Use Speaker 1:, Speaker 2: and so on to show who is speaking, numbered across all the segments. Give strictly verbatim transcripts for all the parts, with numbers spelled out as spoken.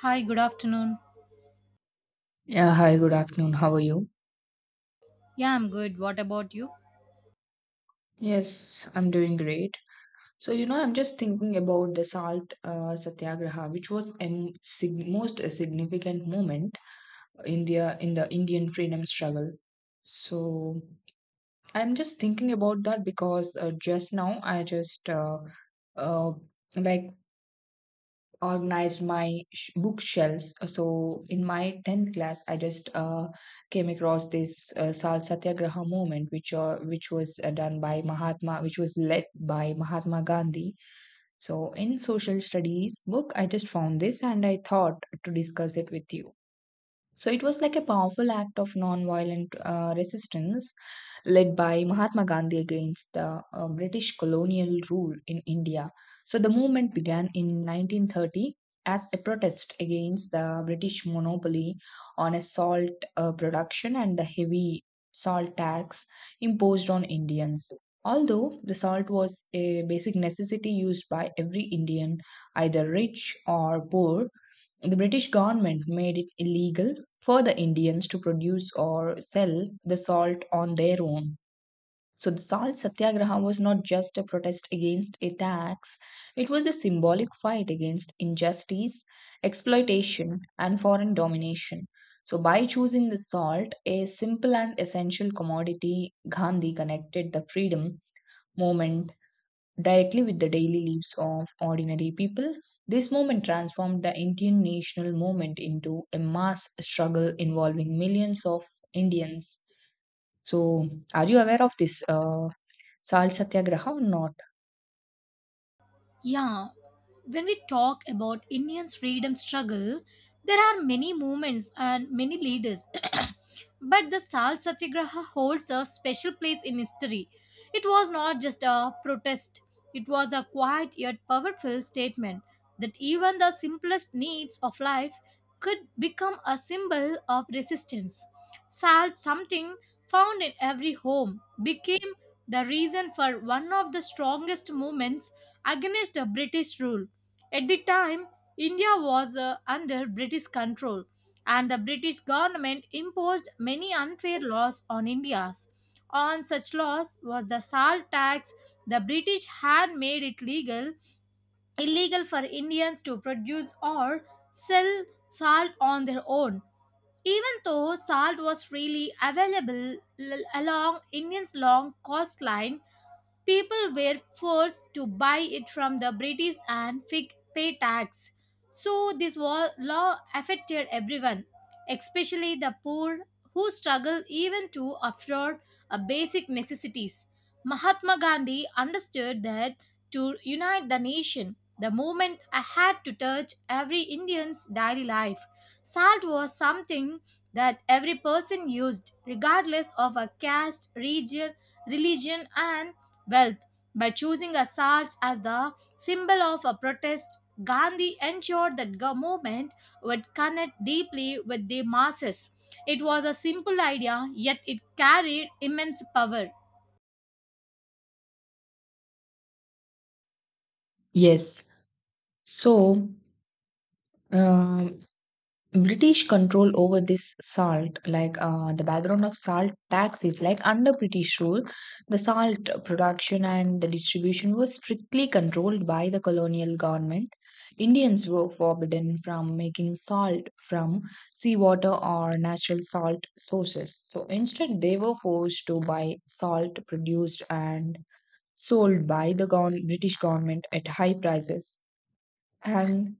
Speaker 1: Hi, good afternoon.
Speaker 2: Yeah, hi, good afternoon. How are you?
Speaker 1: Yeah, I'm good. What about you?
Speaker 2: Yes, I'm doing great. So, you know, I'm just thinking about the Salt uh, Satyagraha, which was a m- sig- most a significant moment in the, in the Indian freedom struggle. So, I'm just thinking about that because uh, just now I just uh, uh, like organized my sh- bookshelves. Uh, So in my tenth class, I just uh, came across this uh, Sal Satyagraha movement, which uh, which was uh, done by Mahatma, which was led by Mahatma Gandhi. So in social studies book, I just found this and I thought to discuss it with you. So it was like a powerful act of non-violent uh, resistance led by Mahatma Gandhi against the uh, British colonial rule in India. So the movement began in nineteen thirty as a protest against the British monopoly on a salt uh, production and the heavy salt tax imposed on Indians. Although the salt was a basic necessity used by every Indian, either rich or poor, the British government made it illegal for the Indians to produce or sell the salt on their own. So the salt satyagraha was not just a protest against a tax, it was a symbolic fight against injustice, exploitation, and foreign domination. So, by choosing the salt, a simple and essential commodity, Gandhi connected the freedom movement directly with the daily lives of ordinary people. This movement transformed the Indian national movement into a mass struggle involving millions of Indians. So, are you aware of this uh, Sal Satyagraha or not?
Speaker 1: Yeah, when we talk about Indians' freedom struggle, there are many movements and many leaders, but the Salt Satyagraha holds a special place in history. It was not just a protest, it was a quiet yet powerful statement that even the simplest needs of life could become a symbol of resistance. Salt, something found in every home, became the reason for one of the strongest movements against the British rule. At the time, India was uh, under British control and the British government imposed many unfair laws on India. On such laws was the salt tax. The British had made it legal illegal for Indians to produce or sell salt on their own. Even though salt was freely available l- along India's long coastline, people were forced to buy it from the British and fig- pay tax. So, this wa- law affected everyone, especially the poor who struggle even to afford a basic necessities. Mahatma Gandhi understood that to unite the nation, the movement had to touch every Indian's daily life. Salt was something that every person used, regardless of a caste, region, religion, and wealth. By choosing assaults as the symbol of a protest, Gandhi ensured that the movement would connect deeply with the masses. It was a simple idea, yet it carried immense power.
Speaker 2: Yes. So, um British control over this salt, like uh, the background of salt tax is like under British rule, the salt production and the distribution was strictly controlled by the colonial government. Indians were forbidden from making salt from seawater or natural salt sources. So instead, they were forced to buy salt produced and sold by the gov- British government at high prices. And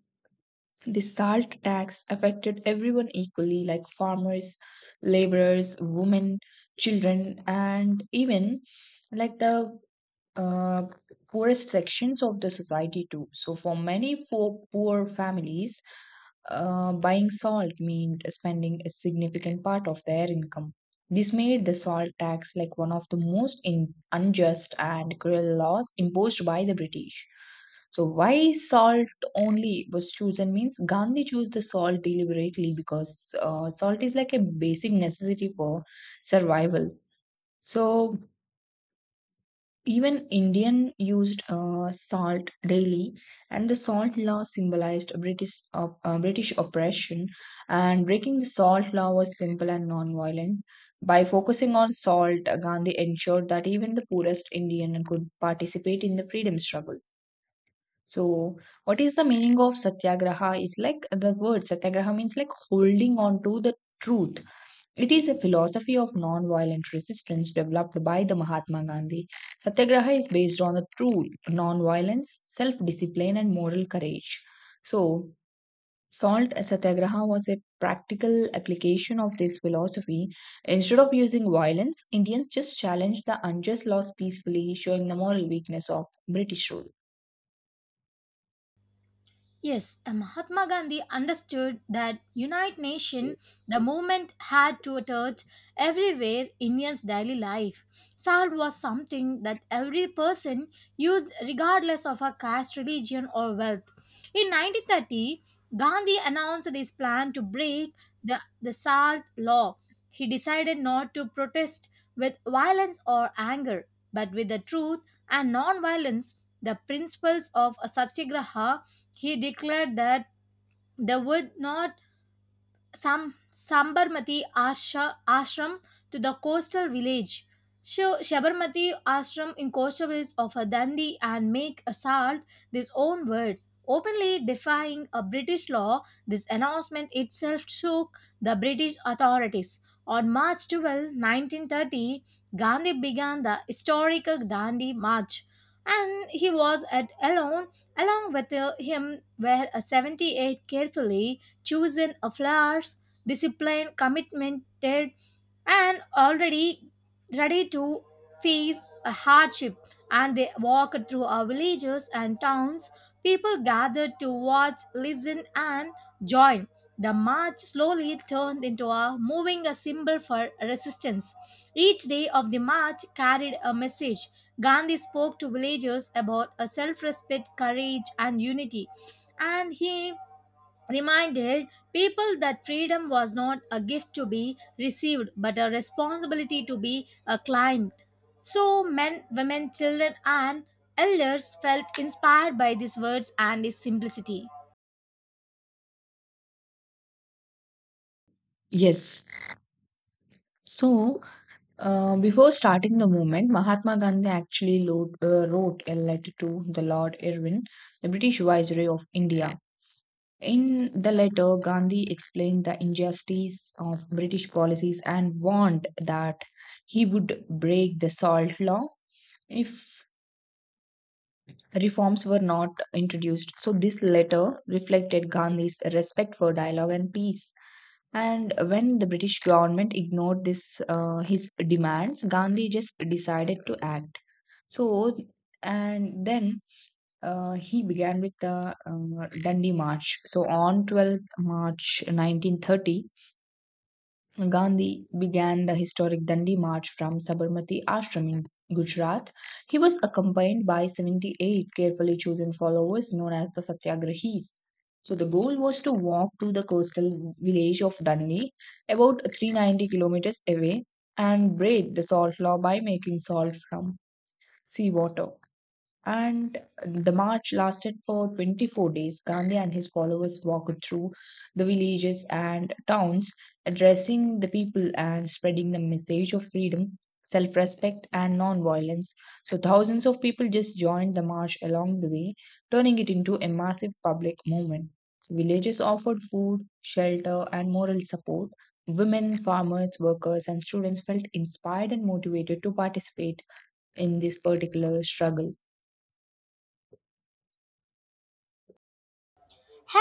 Speaker 2: the salt tax affected everyone equally, like farmers, laborers, women, children, and even like the uh, poorest sections of the society too. So for many for poor families, uh, buying salt meant spending a significant part of their income. This made the salt tax like one of the most in- unjust and cruel laws imposed by the British. So why salt only was chosen means Gandhi chose the salt deliberately because uh, salt is like a basic necessity for survival. So even Indian used uh, salt daily, and the salt law symbolized British op- uh, British oppression. And breaking the salt law was simple and non-violent. By focusing on salt, Gandhi ensured that even the poorest Indian could participate in the freedom struggle. So, what is the meaning of satyagraha? Is like the word satyagraha means like holding on to the truth. It is a philosophy of non-violent resistance developed by the Mahatma Gandhi. Satyagraha is based on the true violence self-discipline, and moral courage. So, Salt Satyagraha was a practical application of this philosophy. Instead of using violence, Indians just challenged the unjust laws peacefully, showing the moral weakness of British rule.
Speaker 1: Yes, uh, Mahatma Gandhi understood that United Nation, the movement had to touch everywhere Indians' daily life. Salt was something that every person used regardless of her caste, religion, or wealth. In nineteen thirty, Gandhi announced his plan to break the, the salt law. He decided not to protest with violence or anger, but with the truth and non-violence, the principles of a satyagraha. He declared that they would not Sam, Sabarmati Ashra, Ashram to the coastal village. So, Sabarmati Ashram in coastal village of a Dandi and make assault these own words, openly defying a British law. This announcement itself shook the British authorities. On March twelfth, nineteen thirty, Gandhi began the historical Dandi March, and he was at alone. Along with uh, him were uh, seventy-eight carefully chosen a flowers, disciplined, committed, and already ready to face a hardship. And they walked through our villages and towns. People gathered to watch, listen, and join. The march slowly turned into a moving a symbol for resistance. Each day of the march carried a message. Gandhi spoke to villagers about a self-respect, courage, and unity, and he reminded people that freedom was not a gift to be received but a responsibility to be uh, climbed. So, men, women, children, and elders felt inspired by these words and its simplicity.
Speaker 2: Yes. So, Uh, before starting the movement, Mahatma Gandhi actually lo- uh, wrote a letter to the Lord Irwin, the British Viceroy of India. In the letter, Gandhi explained the injustice of British policies and warned that he would break the salt law if reforms were not introduced. So, this letter reflected Gandhi's respect for dialogue and peace. And when the British government ignored this uh, his demands, Gandhi just decided to act. So, and then uh, he began with the uh, Dandi March. So, on twelfth March nineteen thirty, Gandhi began the historic Dandi March from Sabarmati Ashram in Gujarat. He was accompanied by seventy-eight carefully chosen followers known as the Satyagrahis. So the goal was to walk to the coastal village of Dandi, about three hundred ninety kilometers away, and break the salt law by making salt from seawater. And the march lasted for twenty-four days. Gandhi and his followers walked through the villages and towns, addressing the people and spreading the message of freedom, self respect, and non violence. So, thousands of people just joined the march along the way, turning it into a massive public movement. Villages offered food, shelter, and moral support. Women, farmers, workers, and students felt inspired and motivated to participate in this particular struggle.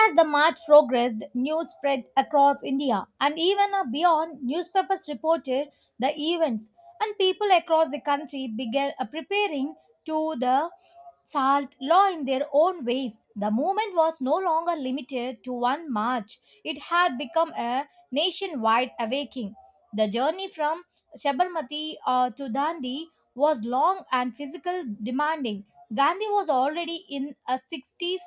Speaker 1: As the march progressed, news spread across India and even uh, beyond. Newspapers reported the events, and people across the country began uh, preparing to the salt law in their own ways. The movement was no longer limited to one march, it had become a nationwide awakening. The journey from Sabarmati uh, to Dandi was long and physical demanding. Gandhi was already in his sixties.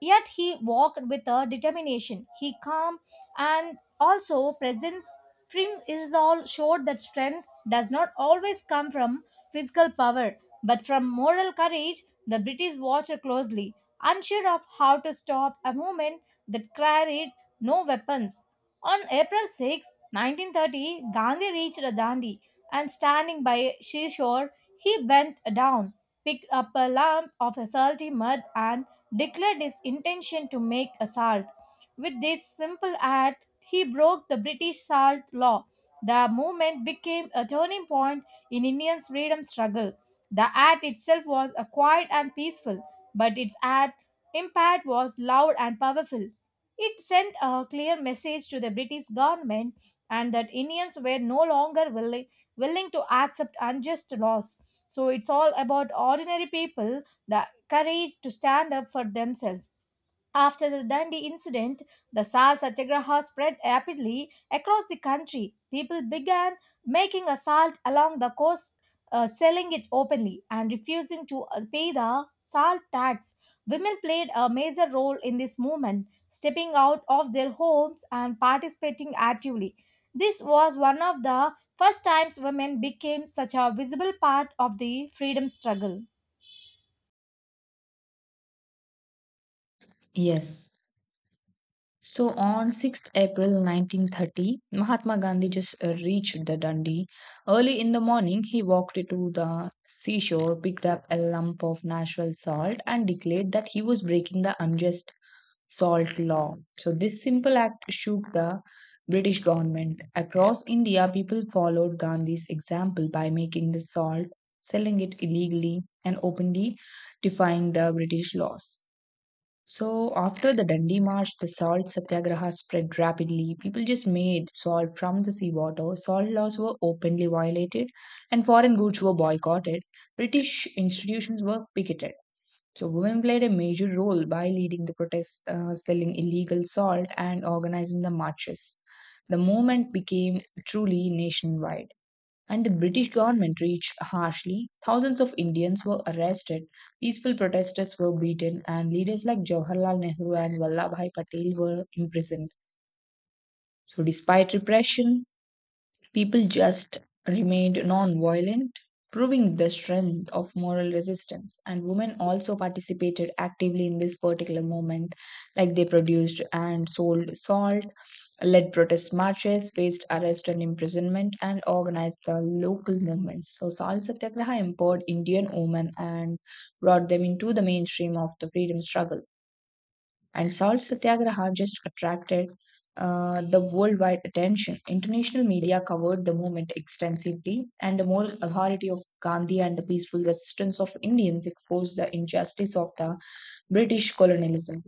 Speaker 1: Yet he walked with a determination. He calm and also presence trim is all showed that strength does not always come from physical power, but from moral courage. The British watched closely, unsure of how to stop a movement that carried no weapons. On April sixth, nineteen thirty, Gandhi reached Dandi and standing by sea shore, he bent down, picked up a lump of salty mud and declared his intention to make assault. With this simple act, he broke the British salt law. The movement became a turning point in India's freedom struggle. The act itself was a quiet and peaceful, but its act impact was loud and powerful. It sent a clear message to the British government and that Indians were no longer willing, willing to accept unjust laws. So it's all about ordinary people. The courage to stand up for themselves. After the Dandi incident, the Sal Satyagraha spread rapidly across the country. People began making a salt along the coast, uh, selling it openly, and refusing to uh, pay the salt tax. Women played a major role in this movement, stepping out of their homes and participating actively. This was one of the first times women became such a visible part of the freedom struggle.
Speaker 2: Yes. So on sixth April nineteen thirty, Mahatma Gandhi just uh, reached the Dundee. Early in the morning, he walked to the seashore, picked up a lump of natural salt, and declared that he was breaking the unjust salt law. So this simple act shook the British government. Across India, people followed Gandhi's example by making the salt, selling it illegally, and openly defying the British laws. So after the Dandi March, the salt satyagraha spread rapidly. People just made salt from the seawater. Salt laws were openly violated, and foreign goods were boycotted. British institutions were picketed. So women played a major role by leading the protests, uh, selling illegal salt, and organizing the marches. The movement became truly nationwide and the British government reached harshly. Thousands of Indians were arrested, peaceful protesters were beaten, and leaders like Jawaharlal Nehru and Vallabhai Patel were imprisoned. So, despite repression, people just remained non-violent, proving the strength of moral resistance. And women also participated actively in this particular movement, like they produced and sold salt, led protest marches, faced arrest and imprisonment, and organized the local movements. So, Salt Satyagraha empowered Indian women and brought them into the mainstream of the freedom struggle. And Salt Satyagraha just attracted uh, the worldwide attention. International media covered the movement extensively, and the moral authority of Gandhi and the peaceful resistance of Indians exposed the injustice of the British colonialism.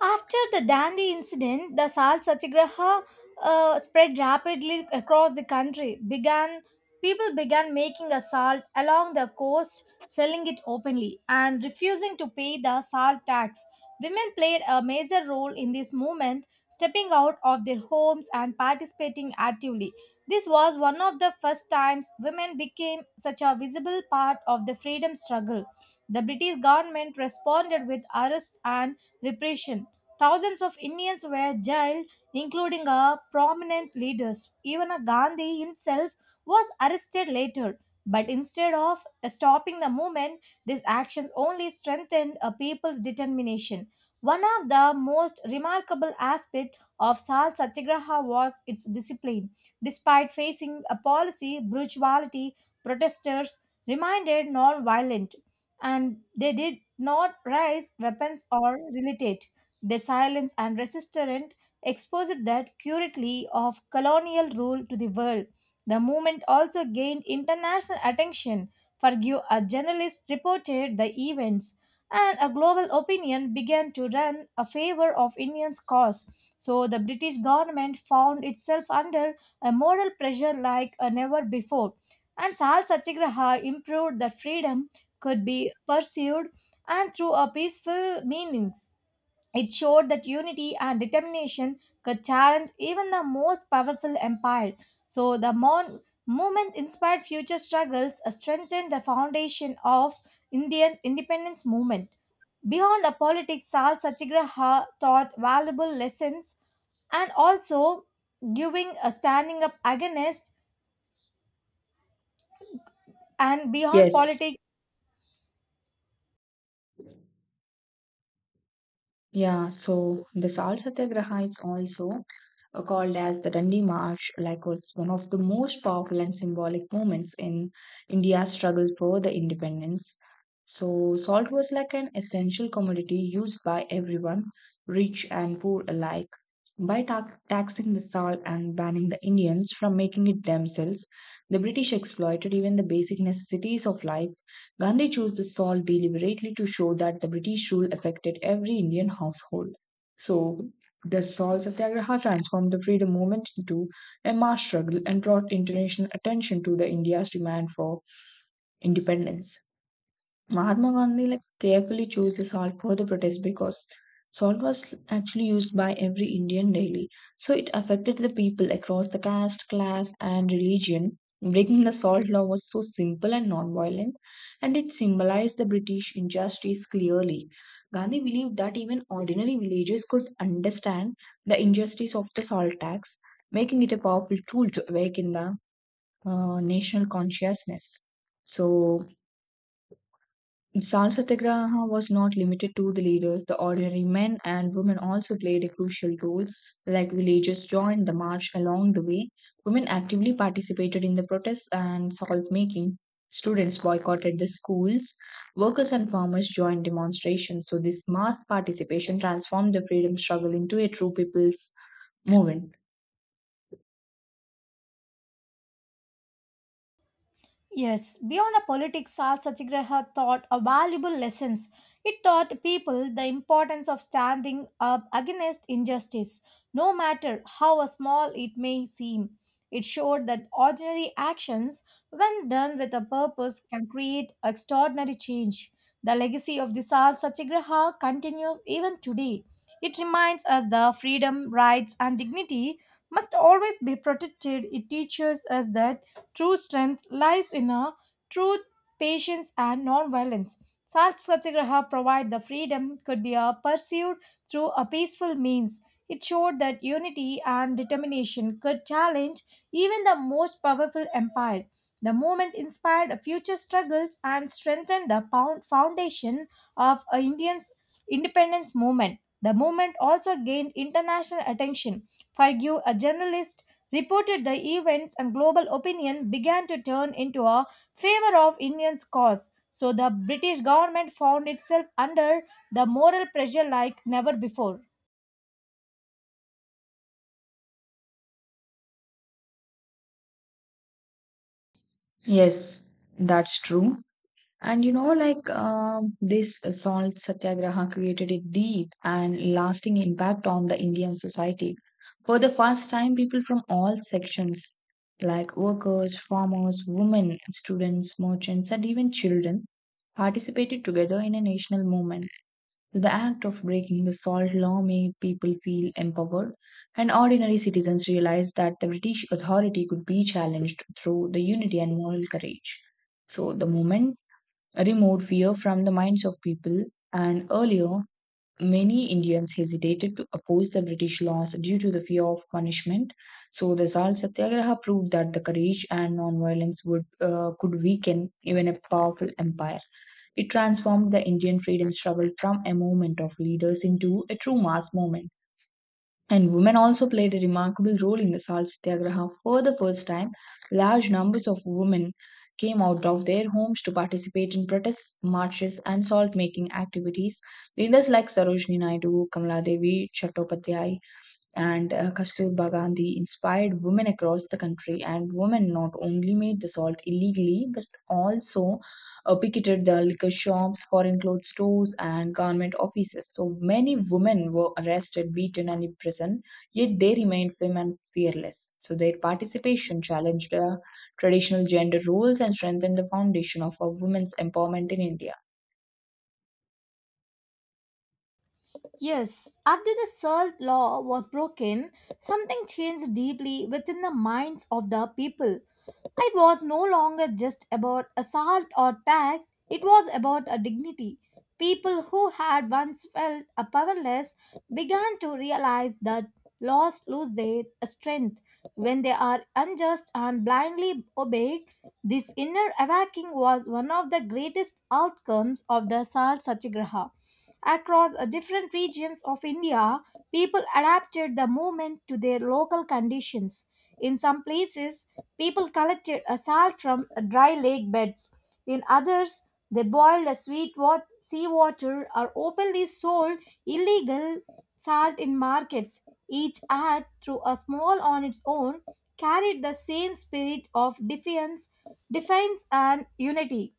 Speaker 1: After the Dandi incident, the Salt Satyagraha uh, spread rapidly across the country. Began People began making a salt along the coast, selling it openly, and refusing to pay the salt tax. Women played a major role in this movement, stepping out of their homes and participating actively. This was one of the first times women became such a visible part of the freedom struggle. The British government responded with arrest and repression. Thousands of Indians were jailed, including a prominent leaders. Even a Gandhi himself was arrested later. But instead of stopping the movement, these actions only strengthened a people's determination. One of the most remarkable aspects of Salt Satyagraha was its discipline. Despite facing a policy brutality, protesters remained non-violent, and they did not raise weapons or retaliate. Their silence and resistance exposed that curiously of colonial rule to the world. The movement also gained international attention. Forgue, a journalist, reported the events, and a global opinion began to run a favor of Indians' cause. So the British government found itself under a moral pressure like uh, never before. And Sal Satyagraha improved that freedom could be pursued and through a peaceful meanings. It showed that unity and determination could challenge even the most powerful empire. So the mon- movement inspired future struggles, uh, strengthened the foundation of India's independence movement. Beyond the politics, Sal Satyagraha taught valuable lessons and also giving a standing up against and beyond
Speaker 2: Yes,
Speaker 1: politics.
Speaker 2: yeah, so the Salt Satyagraha is also uh, called as the Dandi March, like was one of the most powerful and symbolic moments in India's struggle for the independence. So salt was like an essential commodity used by everyone, rich and poor alike. By ta- taxing the salt and banning the Indians from making it themselves, the British exploited even the basic necessities of life. Gandhi chose this salt deliberately to show that the British rule affected every Indian household. So, the Salt Satyagraha transformed the freedom movement into a mass struggle and brought international attention to the India's demand for independence. Mahatma Gandhi like carefully chose the salt for the protest because salt was actually used by every Indian daily. So it affected the people across the caste, class, and religion. Breaking the salt law was so simple and non-violent, and it symbolized the British injustice clearly. Gandhi believed that even ordinary villagers could understand the injustice of the salt tax, making it a powerful tool to awaken the uh, national consciousness. So Sal Satyagraha was not limited to the leaders, the ordinary men and women also played a crucial role. Like villagers joined the march along the way, women actively participated in the protests and salt making. Students boycotted the schools, workers and farmers joined demonstrations. So, this mass participation transformed the freedom struggle into a true people's movement.
Speaker 1: Yes, beyond a politics, Sal Satyagraha taught a valuable lessons. It taught people the importance of standing up against injustice, no matter how small it may seem. It showed that ordinary actions, when done with a purpose, can create extraordinary change. The legacy of the Sal Satyagraha continues even today. It reminds us that freedom, rights, and dignity must always be protected. It teaches us that true strength lies in a truth, patience, and non-violence. Such satyagraha provide the freedom could be uh, pursued through a peaceful means. It showed that unity and determination could challenge even the most powerful empire. The movement inspired future struggles and strengthened the pound- foundation of uh, Indian's independence movement. The movement also gained international attention. Forgive a journalist reported the events and global opinion began to turn into a favor of Indians' cause. So the British government found itself under the moral pressure like never before.
Speaker 2: Yes, that's true. And you know, like um, this salt satyagraha created a deep and lasting impact on the Indian society. For the first time, people from all sections, like workers, farmers, women, students, merchants, and even children, participated together in a national movement. The act of breaking the salt law made people feel empowered, and ordinary citizens realized that the British authority could be challenged through the unity and moral courage. So the moment removed fear from the minds of people, and earlier many Indians hesitated to oppose the British laws due to the fear of punishment. So the Salt Satyagraha proved that the courage and non-violence would uh, could weaken even a powerful empire. It transformed the Indian freedom struggle from a movement of leaders into a true mass movement and women also played a remarkable role in the Salt Satyagraha. For the first time, large numbers of women came out of their homes to participate in protest marches and salt making activities. Leaders like Sarojini Naidu, Kamala Devi, Chattopadhyay, and uh, Kasturba Gandhi inspired women across the country, and women not only made the salt illegally but also uh, picketed the liquor shops, foreign clothes stores, and government offices. So many women were arrested, beaten, and imprisoned, yet they remained firm and fearless. So their participation challenged uh, traditional gender roles and strengthened the foundation of a women's empowerment in India.
Speaker 1: Yes, after the salt law was broken, something changed deeply within the minds of the people. It was no longer just about assault or tax, it was about a dignity. People who had once felt a powerless began to realize that laws lose their strength when they are unjust and blindly obeyed. This inner awakening was one of the greatest outcomes of the Salt Satyagraha. Across uh, different regions of India, people adapted the movement to their local conditions. In some places, people collected a salt from uh, dry lake beds. In others, they boiled a sweet wat- seawater or openly sold illegal salt in markets. Each act, through a small on its own, carried the same spirit of defiance, defiance and unity.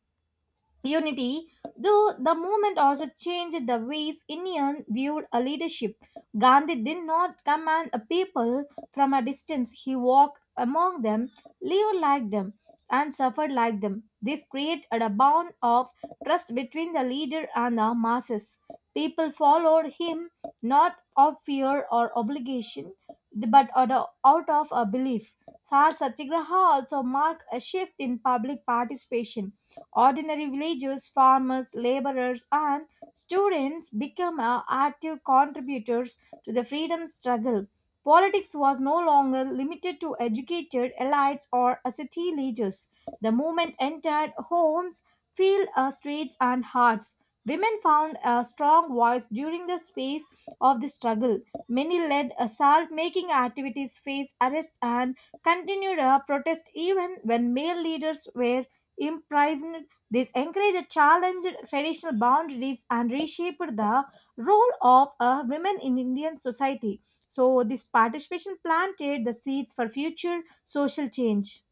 Speaker 1: Unity, though the movement also changed the ways Indians viewed a leadership. Gandhi did not command a people from a distance. He walked among them, lived like them, and suffered like them. This created a bond of trust between the leader and the masses. People followed him not of fear or obligation, but out of out of a belief. Salt Satyagraha also marked a shift in public participation. Ordinary villagers, farmers, laborers, and students became uh, active contributors to the freedom struggle. Politics was no longer limited to educated elites or uh, city leaders. The movement entered homes, fields, uh, streets, and hearts. Women found a strong voice during the phase of the struggle. Many led assault making activities, faced arrest, and continued a protest even when male leaders were imprisoned. This encouraged, challenged traditional boundaries and reshaped the role of uh, women in Indian society. So, this participation planted the seeds for future social change.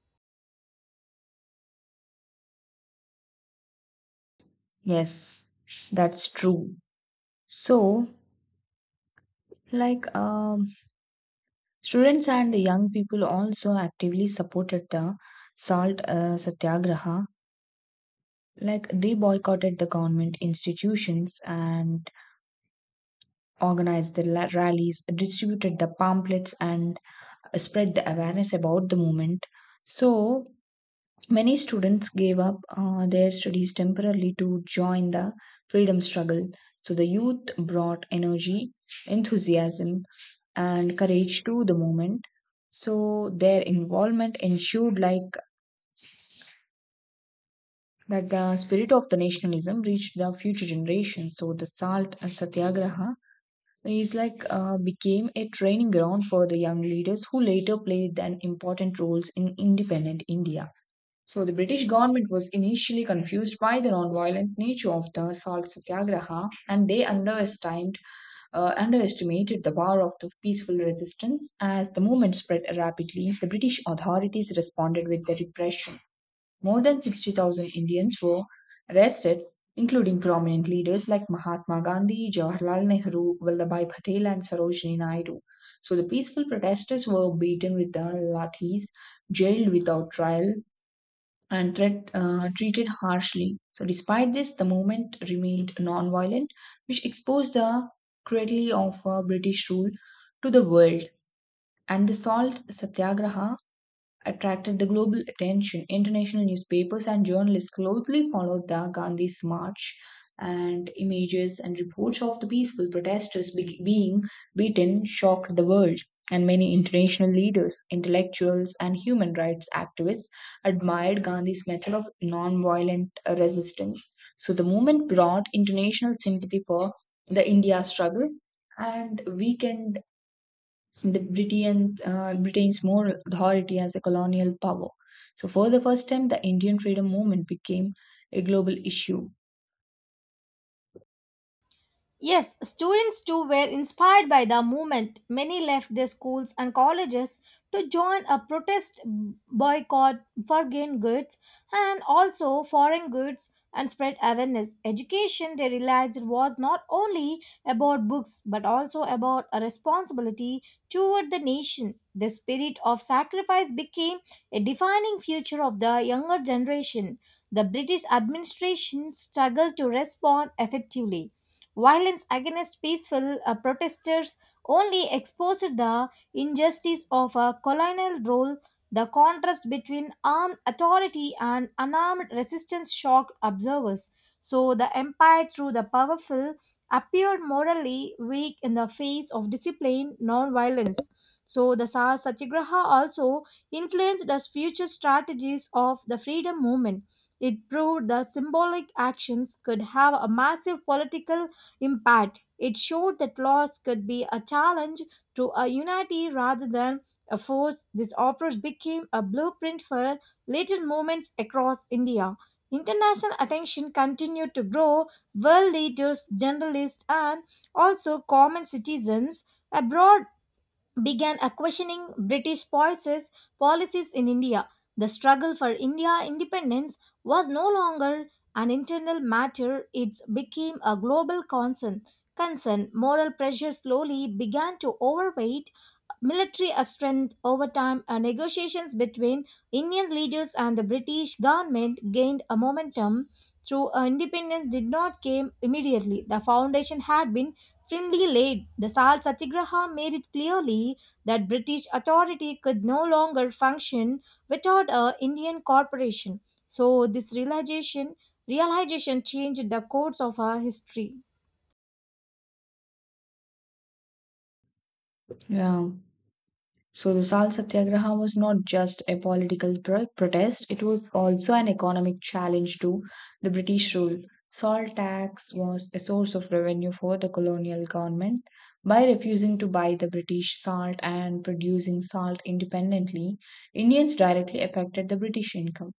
Speaker 2: Yes, that's true. So, like, um, Students and the young people also actively supported the salt uh, satyagraha. Like they boycotted the government institutions and organized the la- rallies, distributed the pamphlets, and spread the awareness about the movement. So many students gave up uh, their studies temporarily to join the freedom struggle. So the youth brought energy, enthusiasm, and courage to the moment. So their involvement ensured like that the spirit of the nationalism reached the future generations. So the Salt Satyagraha is like uh, became a training ground for the young leaders who later played an important roles in independent India. So the British government was initially confused by the non-violent nature of the Salt Satyagraha and they underestimated uh, underestimated the power of the peaceful resistance. As the movement spread rapidly, the British authorities responded with the repression. More than sixty thousand Indians were arrested, including prominent leaders like Mahatma Gandhi, Jawaharlal Nehru, Vallabhbhai Patel, and Sarojini Naidu. So the peaceful protesters were beaten with the lathis, jailed without trial, and threat, uh, treated harshly. So, despite this, the movement remained non-violent, which exposed the cruelty of uh, British rule to the world. And the salt satyagraha attracted the global attention. International newspapers and journalists closely followed the Gandhi's march, and images and reports of the peaceful protesters be- being beaten shocked the world. And many international leaders, intellectuals, and human rights activists admired Gandhi's method of nonviolent uh, resistance. So the movement brought international sympathy for the India struggle and weakened the Britain, uh, Britain's more authority as a colonial power. So, for the first time, the Indian freedom movement became a global issue.
Speaker 1: Yes, students too were inspired by the movement. Many left their schools and colleges to join a protest boycott foreign goods and also foreign goods and spread awareness. Education, they realized, was not only about books but also about a responsibility toward the nation. The spirit of sacrifice became a defining feature of the younger generation. The British administration struggled to respond effectively. Violence against peaceful uh, protesters only exposed the injustice of a colonial rule. The contrast between armed authority and unarmed resistance shocked observers. So the empire, through the powerful, appeared morally weak in the face of disciplined non-violence. So the Sar Satyagraha also influenced the future strategies of the freedom movement. It proved the symbolic actions could have a massive political impact. It showed that laws could be a challenge to a unity rather than a force. This approach became a blueprint for later movements across India. International attention continued to grow. World leaders, journalists, and also common citizens abroad began a questioning British policies, policies in India. The struggle for India independence was no longer an internal matter, it became a global concern. Concern moral pressure slowly began to overweight military strength over time. Uh, negotiations between Indian leaders and the British government gained a momentum through uh, independence did not come immediately. The foundation had been firmly laid. The Salt Satyagraha made it clearly that British authority could no longer function without a Indian corporation. So this realization realization changed the course of our history.
Speaker 2: Yeah. So, the Salt Satyagraha was not just a political pro- protest, it was also an economic challenge to the British rule. Salt tax was a source of revenue for the colonial government. By refusing to buy the British salt and producing salt independently, Indians directly affected the British income.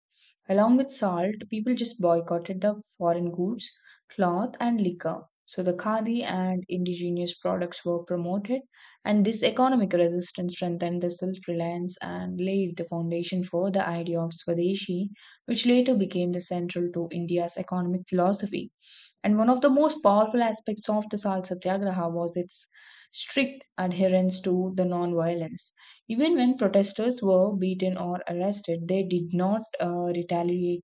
Speaker 2: Along with salt, people just boycotted the foreign goods, cloth, and liquor. So the khadi and indigenous products were promoted, and this economic resistance strengthened the self reliance and laid the foundation for the idea of Swadeshi, which later became the central to India's economic philosophy. And one of the most powerful aspects of the Salt Satyagraha was its strict adherence to the non-violence. Even when protesters were beaten or arrested, they did not uh, retaliate.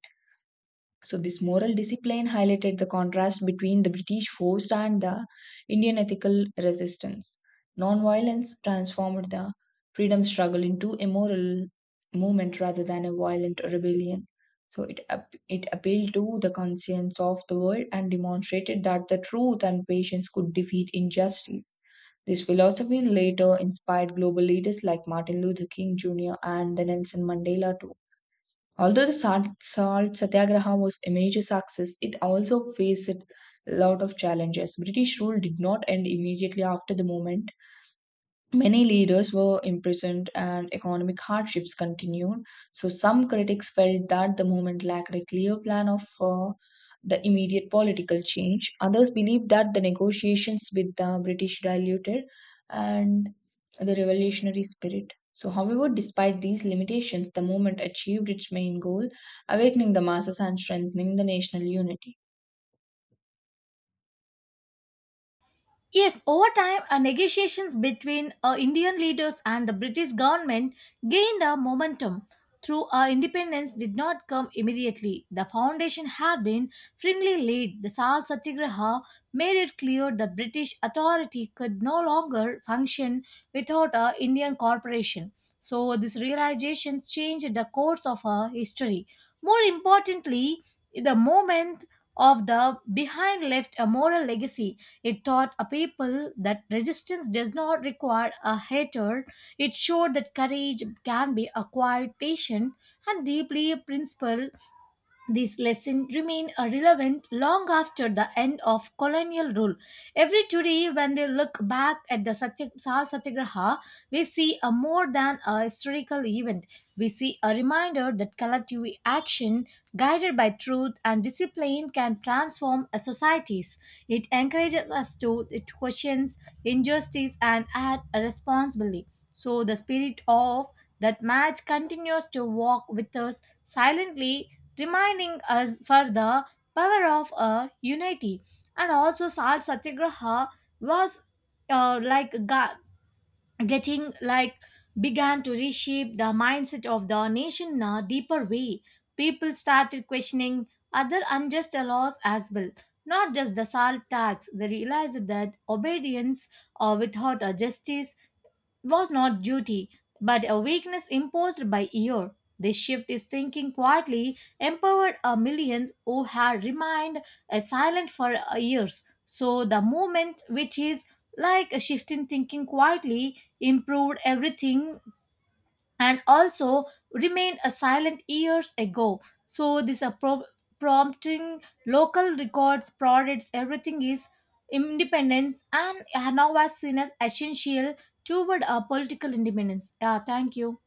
Speaker 2: So, this moral discipline highlighted the contrast between the British force and the Indian ethical resistance. Nonviolence transformed the freedom struggle into a moral movement rather than a violent rebellion. So, it, ap- it appealed to the conscience of the world and demonstrated that the truth and patience could defeat injustice. This philosophy later inspired global leaders like Martin Luther King Junior and the Nelson Mandela to. Although the salt, salt satyagraha was a major success, it also faced a lot of challenges. British rule did not end immediately after the movement. Many leaders were imprisoned and economic hardships continued. So, some critics felt that the movement lacked a clear plan of uh, the immediate political change. Others believed that the negotiations with the British diluted and the revolutionary spirit. So, however, despite these limitations, the movement achieved its main goal, awakening the masses and strengthening the national unity.
Speaker 1: Yes, over time, uh, negotiations between uh, Indian leaders and the British government gained a momentum. Through our independence did not come immediately. The foundation had been firmly laid. The Salt Satyagraha made it clear the British authority could no longer function without a Indian corporation. So these realizations changed the course of our history. More importantly, the movement of the behind left a moral legacy. It taught a people that resistance does not require a hatred. It showed that courage can be acquired patient and deeply principled. These lessons remain uh, relevant long after the end of colonial rule. Every today, when we look back at the Satya- Sal Satyagraha, we see a more than a historical event. We see a reminder that collective action, guided by truth and discipline, can transform a societies. It encourages us to it questions injustice and act responsibly. So the spirit of that match continues to walk with us silently reminding us for the power of uh, unity. And also, Salt Satyagraha was uh, like ga- getting like began to reshape the mindset of the nation in a deeper way. People started questioning other unjust laws as well, not just the salt tax. They realized that obedience or without a justice was not duty, but a weakness imposed by year. This shift is thinking quietly empowered a millions who had remained uh, silent for uh, years. So the movement, which is like a shift in thinking quietly, improved everything and also remained a silent years ago. So this a pro- prompting local records, products, everything is independence and now was seen as essential toward a political independence. Yeah, thank you.